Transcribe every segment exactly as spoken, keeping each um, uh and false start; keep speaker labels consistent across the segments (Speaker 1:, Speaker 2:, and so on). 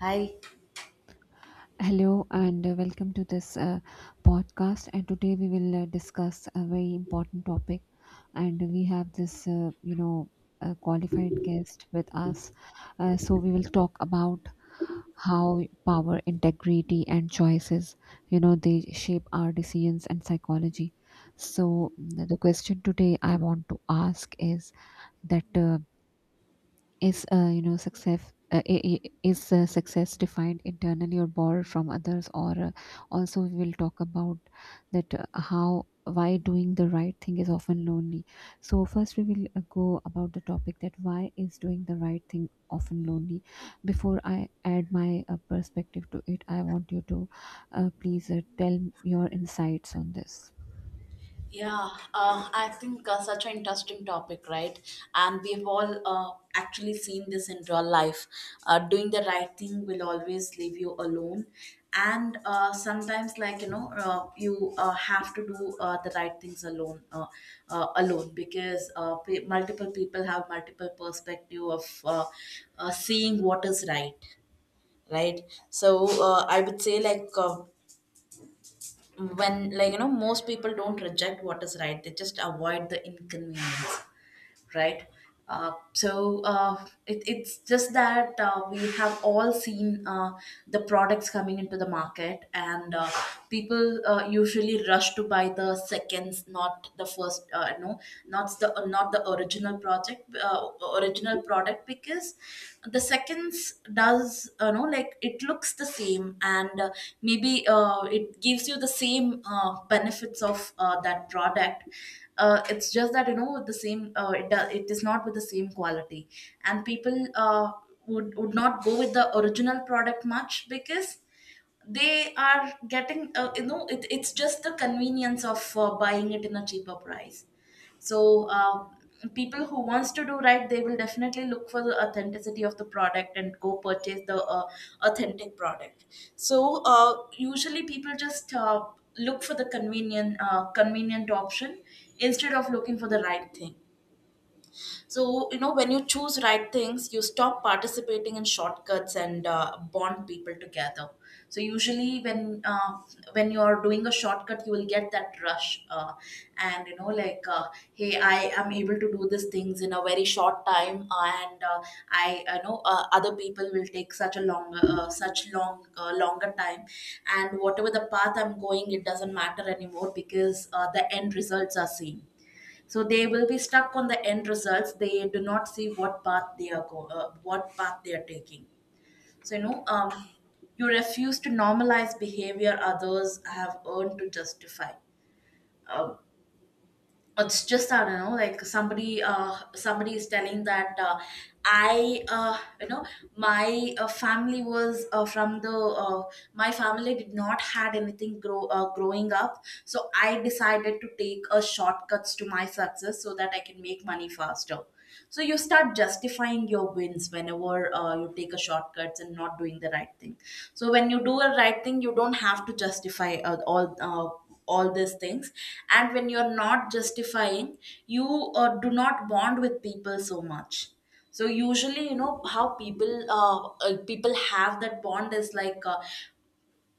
Speaker 1: Hi.
Speaker 2: Hello and uh, welcome to this uh, podcast. And today we will uh, discuss a very important topic. And we have this, uh, you know, a qualified guest with us. Uh, so we will talk about how power, integrity, and choices, you know, they shape our decisions and psychology. So the question today I want to ask is that uh, is uh, you know success uh, I- I- is uh, success defined internally or borrowed from others. Or uh, Also we will talk about that uh, how why doing the right thing is often lonely. So first we will uh, go about the topic that why is doing the right thing often lonely. Before I add my uh, perspective to it, I want you to uh, please uh, tell your insights on this.
Speaker 1: Yeah, uh, I think uh, such an interesting topic, right? And we've all uh, actually seen this in real life. Uh, doing the right thing will always leave you alone. And uh, sometimes, like, you know, uh, you uh, have to do uh, the right things alone, uh, uh, alone because uh, pe- multiple people have multiple perspective of uh, uh, seeing what is right, right? So uh, I would say, like, uh, when, like, you know, most people don't reject what is right, they just avoid the inconvenience, right. Uh, so uh, it, it's just that uh, we have all seen uh, the products coming into the market, and uh, people uh, usually rush to buy the seconds, not the first. Uh, no not the not the original project uh, original product because the seconds does, you know, like, it looks the same, and uh, maybe uh, it gives you the same uh, benefits of uh, that product. Uh, it's just that, you know, with the same uh, it, do, it is not with the same quality, and people uh, would would not go with the original product much because they are getting, uh, you know, it, it's just the convenience of uh, buying it in a cheaper price. So um, people who wants to do right, they will definitely look for the authenticity of the product and go purchase the uh, authentic product. So uh, usually people just uh, look for the convenient uh, convenient option instead of looking for the right thing. So, you know, when you choose right things, you stop participating in shortcuts and uh, bond people together. So, usually, when uh, when you're doing a shortcut, you will get that rush, uh, and you know, like, uh, hey, I am able to do these things in a very short time, uh, and uh, I, you know, uh, other people will take such a long, uh, such long, uh, longer time, and whatever the path I'm going, it doesn't matter anymore because uh, the end results are same. So they will be stuck on the end results, they do not see what path they are go- uh, what path they are taking. So, you know, um, you refuse to normalize behavior others have earned to justify. Um, it's just, I don't know, like somebody, uh somebody is telling that, uh, I, uh you know, my uh, family was uh, from the uh, my family did not had anything grow uh, growing up, so I decided to take a shortcuts to my success so that I can make money faster. So you start justifying your wins whenever uh, you take a shortcuts and not doing the right thing. So when you do a right thing, you don't have to justify uh, all uh, all these things, and when you're not justifying, you uh, do not bond with people so much. So usually, you know how people uh, uh, people have that bond is like, uh,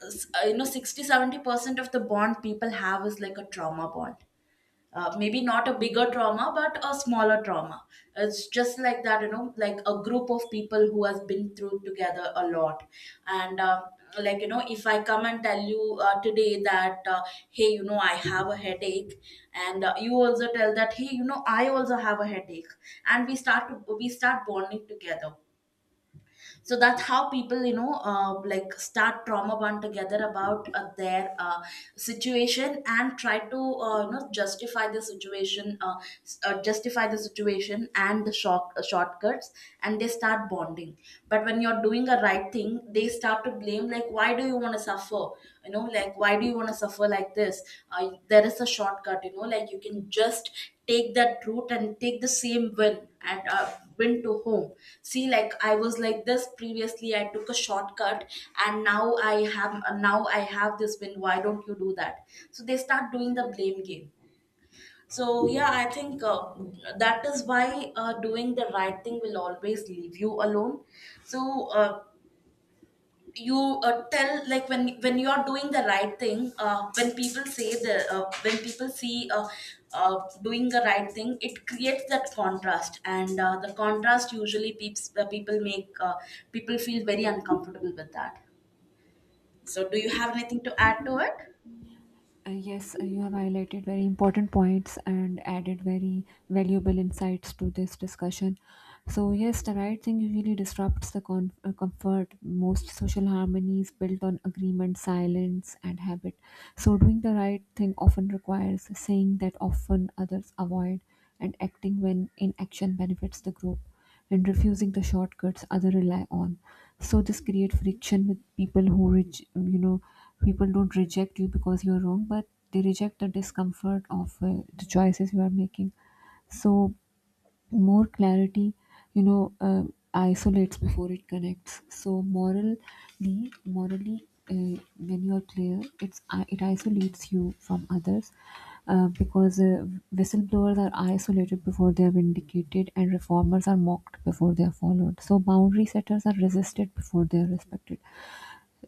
Speaker 1: s- uh, you know, sixty seventy percent of the bond people have is like a trauma bond. Uh, maybe not a bigger trauma but a smaller trauma. It's just like that, you know, like a group of people who has been through together a lot. And uh, like, you know, if I come and tell you uh, today that, uh, hey, you know, I have a headache, and uh, you also tell that, hey, you know, I also have a headache, and we start to, we start bonding together. So that's how people, you know, uh, like, start trauma bond together about uh, their uh, situation and try to, uh, you know, justify the situation, uh, s- uh, justify the situation and the short uh, shortcuts, and they start bonding. But when you're doing a right thing, they start to blame, like, why do you want to suffer, you know, like why do you want to suffer like this. Uh, there is a shortcut, you know, like you can just take that route and take the same win and uh, went to home. See, like, I was like this previously, I took a shortcut, and now i have now I have this win, why don't you do that. So they start doing the blame game. So yeah, I think uh, that is why uh, doing the right thing will always leave you alone. So uh, you uh, tell, like, when when you are doing the right thing, uh, when people say the uh, when people see uh, uh, doing the right thing, it creates that contrast, and uh, the contrast usually peeps, uh, people make uh, people feel very uncomfortable with that. So do you have anything to add to it?
Speaker 2: Uh, yes, uh, you have highlighted very important points and added very valuable insights to this discussion. So yes, the right thing usually disrupts the con- uh, comfort. Most social harmonies built on agreement, silence, and habit. So doing the right thing often requires saying that often others avoid, and acting when inaction benefits the group, and refusing the shortcuts other rely on. So this create friction with people who reg- you know people don't reject you because you're wrong, but they reject the discomfort of uh, the choices you are making. So more clarity, you know uh, isolates before it connects. So morally morally uh, when you are clear, it's, it isolates you from others, uh, because uh, whistleblowers are isolated before they are vindicated, and reformers are mocked before they are followed, so boundary setters are resisted before they are respected.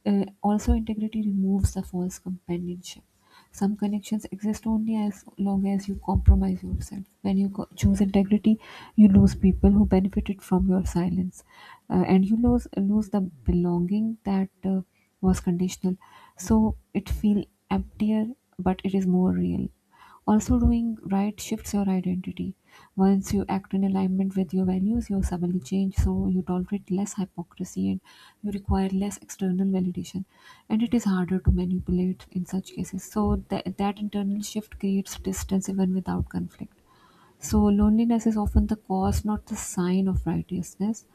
Speaker 2: uh, Also, integrity removes the false companionship. Some connections exist only as long as you compromise yourself. When you co- choose integrity, you lose people who benefited from your silence, uh, and you lose lose the belonging that uh, was conditional. So it feel emptier, but it is more real. Also, doing right shifts your identity. Once you act in alignment with your values, your suddenly change, so you tolerate less hypocrisy and you require less external validation. And it is harder to manipulate in such cases. So that that internal shift creates distance even without conflict. So loneliness is often the cause, not the sign of righteousness.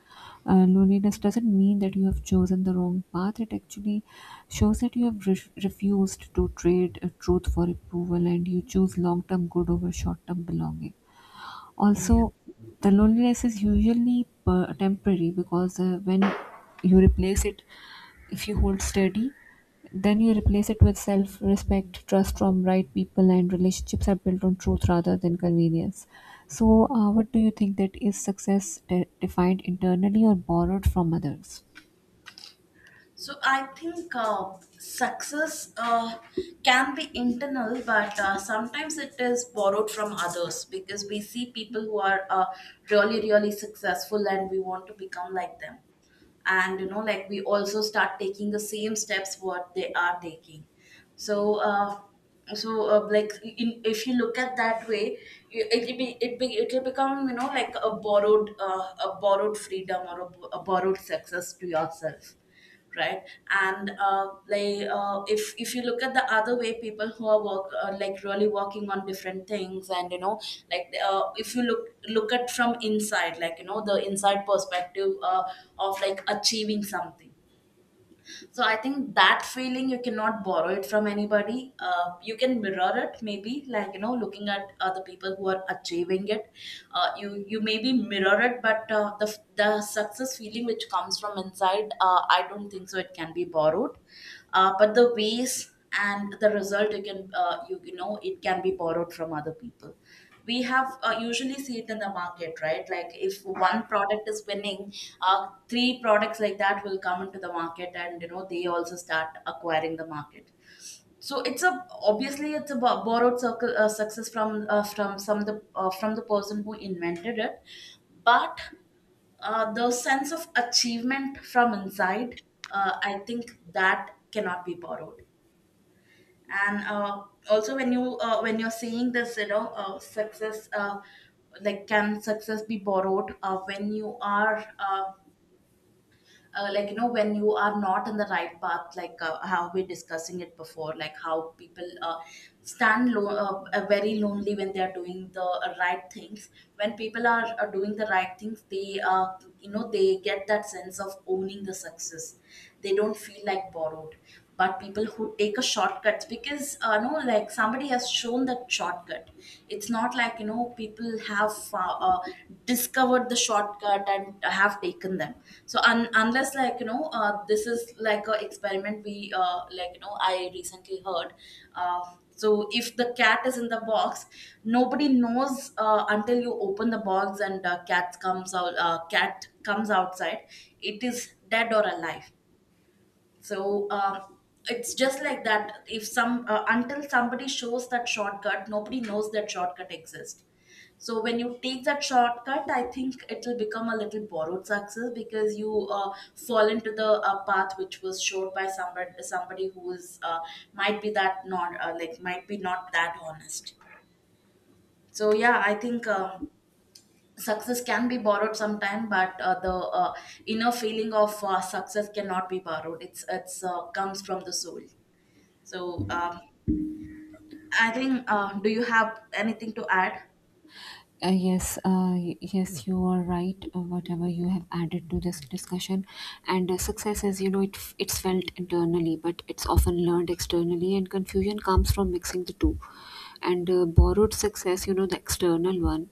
Speaker 2: Uh, loneliness doesn't mean that you have chosen the wrong path. It actually shows that you have re- refused to trade uh, truth for approval, and you choose long term good over short term belonging. Also, the loneliness is usually per- temporary, because uh, when you replace it, if you hold steady, then you replace it with self respect, trust from right people, and relationships are built on truth rather than convenience. So uh, what do you think, that is success de- defined internally or borrowed from others?
Speaker 1: So I think uh, success uh, can be internal, but uh, sometimes it is borrowed from others because we see people who are uh, really, really successful, and we want to become like them. And you know, like, we also start taking the same steps what they are taking. So, uh, so uh, like in, if you look at that way, you- it'll be it be it'll become, you know, like a borrowed uh, a borrowed freedom or a, bo- a borrowed success to yourself, right. And uh, like uh, if if you look at the other way, people who are work uh, like, really working on different things, and you know, like, uh, if you look look at from inside, like, you know, the inside perspective uh, of like achieving something. So I think that feeling you cannot borrow it from anybody, uh, you can mirror it maybe, like, you know, looking at other people who are achieving it. Uh, you you maybe mirror it, but uh, the the success feeling which comes from inside, uh, I don't think so it can be borrowed. Uh, but the ways and the result you can uh, you, you know, it can be borrowed from other people. We have uh, usually see it in the market, right, like if one product is winning, uh, three products like that will come into the market, and you know, they also start acquiring the market. So it's a, obviously it's a bo- borrowed circle uh, success from uh, from some the uh, from the person who invented it. But uh, the sense of achievement from inside, uh, I think that cannot be borrowed. And uh, also when you uh, when you're seeing this, you know, uh, success, uh, like, can success be borrowed uh, when you are uh, uh, like, you know, when you are not in the right path, like, uh, how we're discussing it before, like how people uh, stand lo- uh, uh, very lonely when they are doing the uh, right things. When people are uh, doing the right things, they uh, you know, they get that sense of owning the success, they don't feel like borrowed. But people who take a shortcut, because uh, no like somebody has shown that shortcut, it's not like, you know, people have uh, uh, discovered the shortcut and have taken them. So un- unless, like, you know, uh, this is like a experiment we uh, like, you know, I recently heard, uh, so if the cat is in the box, nobody knows uh, until you open the box and, uh, cat comes out uh, cat comes outside, it is dead or alive. So uh, it's just like that. If some uh, until somebody shows that shortcut, nobody knows that shortcut exists. So when you take that shortcut, I think it will become a little borrowed success because you uh, fall into the uh, path which was showed by somebody somebody who is uh, might be that not, uh, like, might be not that honest. So yeah, I think. Um, success can be borrowed sometime, but uh, the uh, inner feeling of uh, success cannot be borrowed, it's it's uh, comes from the soul. So um, I think, uh, do you have anything to add?
Speaker 2: Uh, yes, uh, y- yes, you are right. Uh, whatever you have added to this discussion, and uh, success is, you know, it f- it's felt internally, but it's often learned externally, and confusion comes from mixing the two. And uh, borrowed success, you know, the external one,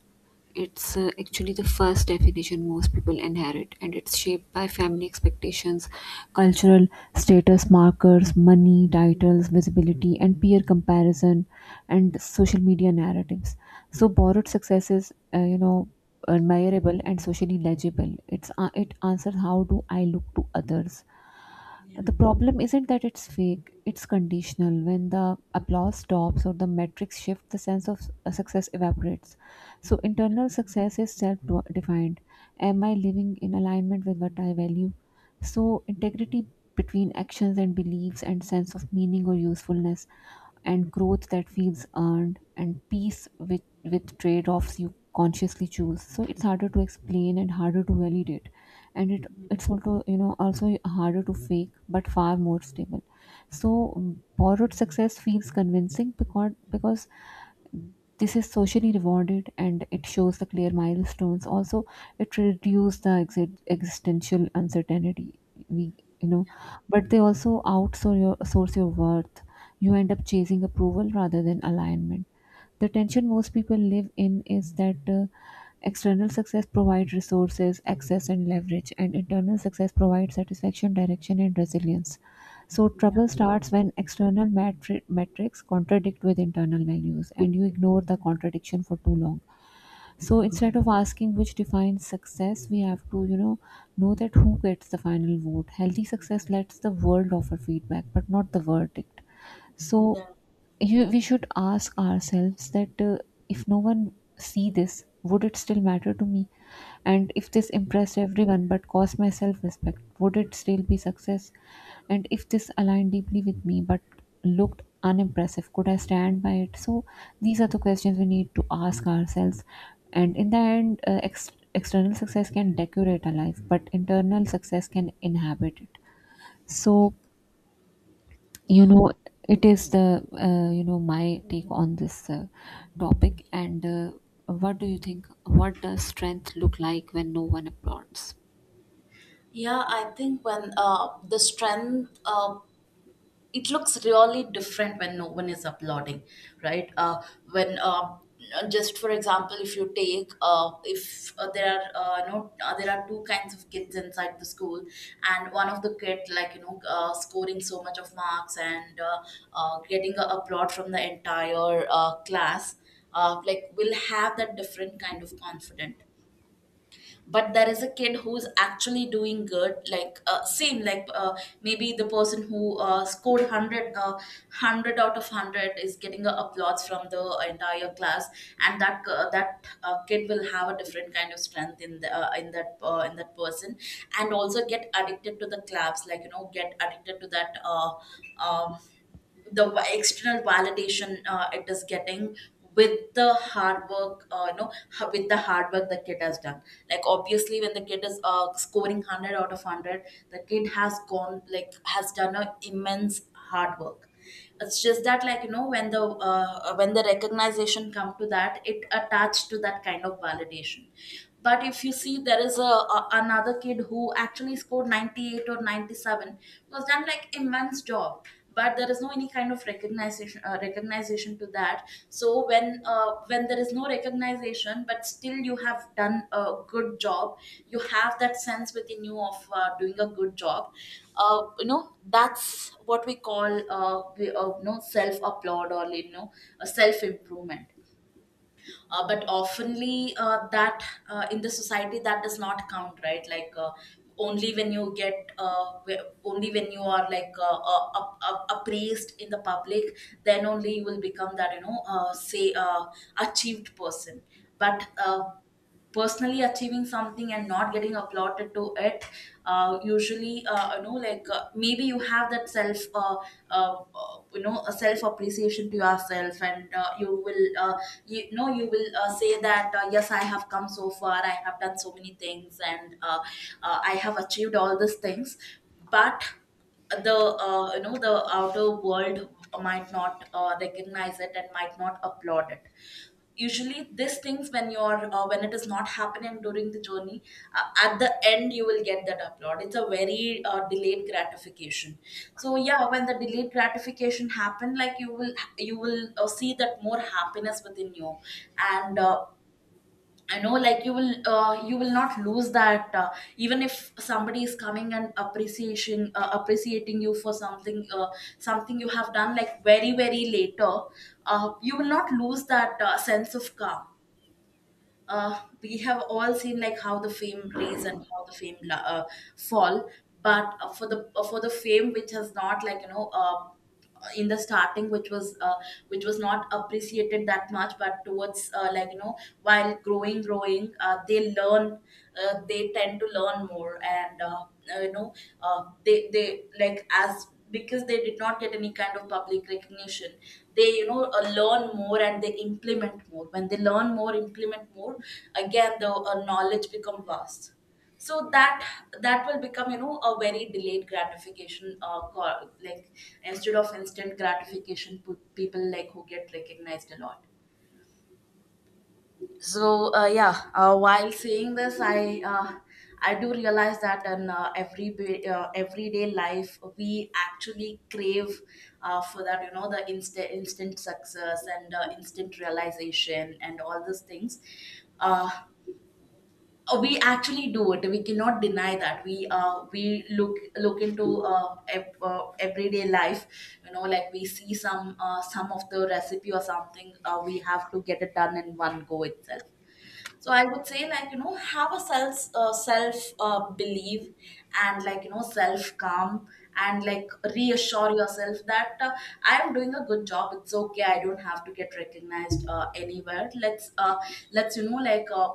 Speaker 2: it's uh, actually the first definition most people inherit, and it's shaped by family expectations, cultural status markers, money, titles, visibility, and peer comparison, and social media narratives. So borrowed success is, uh, you know, admirable and socially legible. It's uh, it answers, how do I look to others? The problem isn't that it's fake, it's conditional. When the applause stops or the metrics shift, the sense of s- success evaporates. So internal success is self defined. Am I living in alignment with what I value? So integrity between actions and beliefs, and sense of meaning or usefulness, and growth that feels earned, and peace with, with trade offs you consciously choose. So it's harder to explain and harder to validate. And it it's also, you know, also harder to fake but far more stable. So um, borrowed success feels convincing because because this is socially rewarded and it shows the clear milestones. Also, it reduces the exi- existential uncertainty we, you know, but they also outsource your source your worth. You end up chasing approval rather than alignment. The tension most people live in is that uh, external success provides resources, access, and leverage, and internal success provides satisfaction, direction, and resilience. So
Speaker 1: Yeah,
Speaker 2: trouble starts when external matri- metrics contradict with internal values, and you ignore the contradiction for too long. So
Speaker 1: yeah,
Speaker 2: instead of asking which defines success, we have to, you know, know that who gets the final vote. Healthy success lets the world offer feedback, but not the verdict. So
Speaker 1: yeah,
Speaker 2: you we should ask ourselves that uh, if no one see this, would it still matter to me? And if this impressed everyone but cost my self respect, would it still be success? And if this aligned deeply with me but looked unimpressive, could I stand by it? So these are the questions we need to ask ourselves. And in the end, uh, ex- external success can decorate a life, but internal success can inhabit it. So, you
Speaker 1: yeah.
Speaker 2: know, it is the uh, you know, my take on this uh, topic. And uh, what do you think, what does strength look like when no one applauds?
Speaker 1: Yeah, I think when uh, the strength uh, it looks really different when no one is applauding, right. uh, when um, uh, Just for example, if you take uh, if uh, there are uh, no uh, there are two kinds of kids inside the school, and one of the kid, like you know, uh, scoring so much of marks and uh, uh, getting a applaud from the entire uh, class, uh, like will have that different kind of confident. But there is a kid who's actually doing good, like uh, same like uh, maybe the person who uh, scored one hundred, uh, one hundred out of one hundred is getting a applause from the entire class, and that uh, that uh, kid will have a different kind of strength in the, uh, in that uh, in that person, and also get addicted to the claps, like you know, get addicted to that, uh, um, the va- external validation uh, it is getting with the hard work, uh, you know ha- with the hard work the kid has done. Like obviously when the kid is uh, scoring one hundred out of one hundred, the kid has gone like has done an immense hard work. It's just that, like you know, when the uh, when the recognition come to that, it attached to that kind of validation. But if you see, there is a, a another kid who actually scored ninety-eight or ninety-seven, was done like immense job, but there is no any kind of recognition, uh, recognition recognition to that. So when uh, when there is no recognition but still you have done a good job, you have that sense within you of uh, doing a good job. Uh, you know, that's what we call, uh, we, uh, you know, self applaud, or you know, self improvement. Uh, but oftenly uh, that uh, in the society that does not count, right? Like uh, only when you get uh, wh- only when you are like uh, uh, up, up, appraised in the public, then only you will become that, you know, uh, say uh, achieved person. But uh, personally achieving something and not getting applauded to it, uh, usually uh, you know, like uh, maybe you have that self uh, uh, uh, you know, a self appreciation to yourself, and uh, you will uh, you know, you will uh, say that, uh, yes, I have come so far, I have done so many things, and uh, uh, I have achieved all these things. But the uh, you know, the outer world might not uh, recognize it and might not applaud it. Usually these things, when you're uh, when it is not happening during the journey, uh, at the end you will get that upload. It's a very uh, delayed gratification. So yeah, when the delayed gratification happen, like you will, you will uh, see that more happiness within you. And uh, I know, like you will, uh, you will not lose that. Uh, even if somebody is coming and appreciation, uh, appreciating you for something, uh, something you have done, like very, very later, uh, you will not lose that uh, sense of calm. Uh, we have all seen like how the fame raise and how the fame la- uh, fall. But uh, for the uh, for the fame which has not, like you know, uh, in the starting which was uh, which was not appreciated that much, but towards, uh, like you know, while growing growing, uh, they learn, uh, they tend to learn more, and uh, uh, you know uh, they they, like, as because they did not get any kind of public recognition, they, you know, uh, learn more, and they implement more. When they learn more, implement more, again the uh, knowledge become vast. So that, that will become, you know, a very delayed gratification, uh, co- like instead of instant gratification pe- people, like, who get recognized a lot. So uh, yeah uh, while saying this, i uh, I do realize that in, uh, every ba- uh, everyday life, we actually crave uh, for that, you know, the instant, instant success, and uh, instant realization and all these things. uh, uh, we actually do it, we cannot deny that, we uh we look look into, uh, ev- uh everyday life, you know, like we see some, uh, some of the recipe or something, uh, we have to get it done in one go itself. So I would say, like you know, have a self uh, self, uh, belief, and like you know, self calm, and like, reassure yourself that, uh, I am doing a good job. It's okay. I don't have to get recognized uh, anywhere. Let's uh, let's you know, like, uh,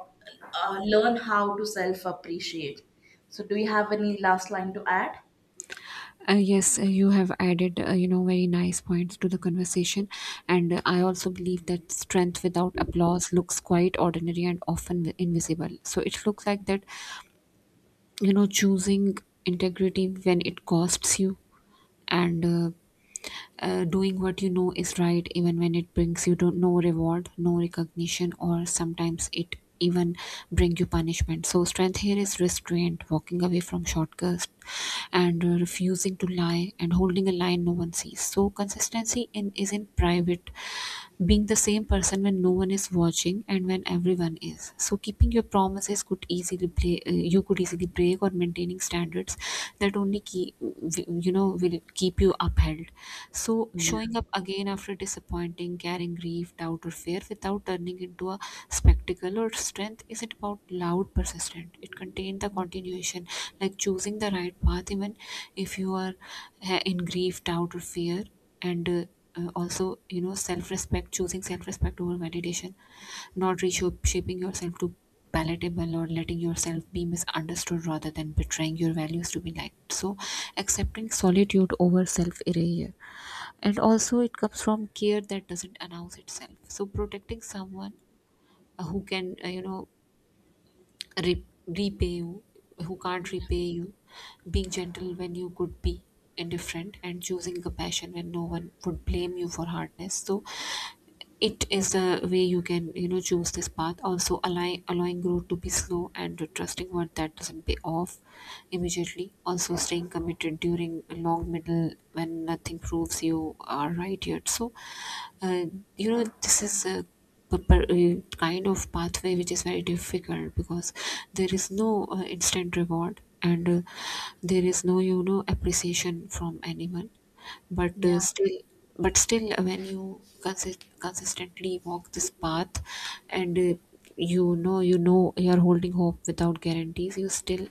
Speaker 1: uh, learn how to self appreciate. So do you have any last line to add?
Speaker 2: Uh, yes uh, you have added, uh, you know, very nice points to the conversation. And uh, I also believe that strength without applause looks quite ordinary and often invisible. So it looks like that, you know, choosing integrity when it costs you, and uh, uh, doing what you know is right even when it brings you to no reward, no recognition, or sometimes it even bring you punishment. So strength here is restraint, walking away from shortcuts, and uh, refusing to lie, and holding a line no one sees. So consistency in is in private, being the same person when no one is watching and when everyone is. So keeping your promises could easily play, uh, you could easily break, or maintaining standards that only keep, you know, will keep you upheld. So showing up again after disappointing, carrying grief, doubt, or fear without turning into a spectacle, or strength isn't about loud persistent, it contains the continuation, like choosing the right path even if you are uh, in grief, doubt, or fear. And uh, uh, also, you know, self-respect, choosing self-respect over validation, not reshaping yourself to palatable or letting yourself be misunderstood rather than betraying your values to be liked. So accepting solitude over self erasure. And also it comes from care that doesn't announce itself. So protecting someone uh, who can, uh, you know re- repay you who can't repay you, being gentle when you could be indifferent, and choosing compassion when no one would blame you for hardness. So it is the way you can, you know, choose this path. Also allowing allowing growth to be slow and trusting what that doesn't pay off immediately. Also staying committed during a long middle when nothing proves you are right yet. So uh, you know, this is a p- p- uh, kind of pathway which is very difficult because there is no uh, instant reward and uh, there is no, you know, appreciation from anyone. But uh, still but still, uh, when you consist- consistently walk this path, and uh, you know, you know you are holding hope without guarantees, you still,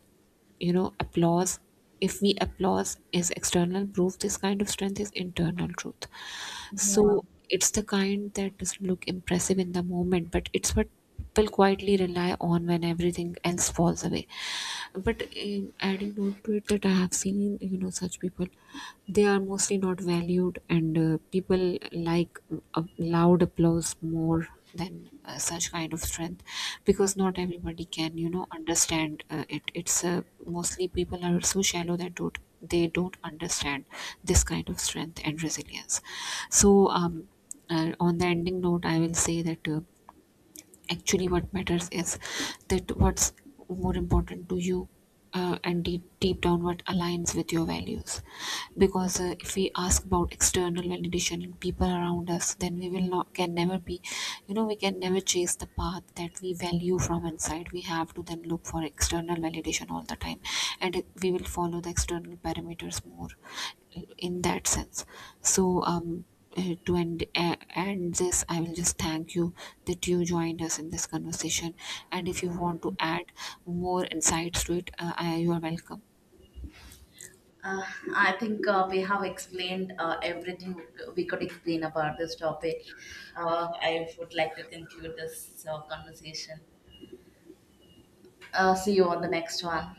Speaker 2: you know, applause, if we applause is external proof, this kind of strength is internal truth.
Speaker 1: Yeah.
Speaker 2: So it's the kind that doesn't look impressive in the moment, but it's what people quietly rely on when everything else falls away. But um, adding note to it that I have seen, you know, such people, they are mostly not valued, and uh, people like, uh, loud applause more than uh, such kind of strength, because not everybody can, you know, understand uh, it it's uh, mostly people are so shallow that don't they don't understand this kind of strength and resilience. So um uh, on the ending note, I will say that uh, actually what matters is that what's more important to you, uh, and deep, deep down what aligns with your values. Because uh, if we ask about external validation and people around us, then we will not can never be, you know, we can never chase the path that we value from inside. We have to then look for external validation all the time, and it- we will follow the external parameters more in that sense. So um uh, to end, uh, end this, I will just thank you that you joined us in this conversation. And if you want to add more insights to it, uh, I, you are welcome.
Speaker 1: Uh, I think uh, we have explained uh, everything we could explain about this topic. Uh, I would like to conclude this uh, conversation. Uh, see you on the next one.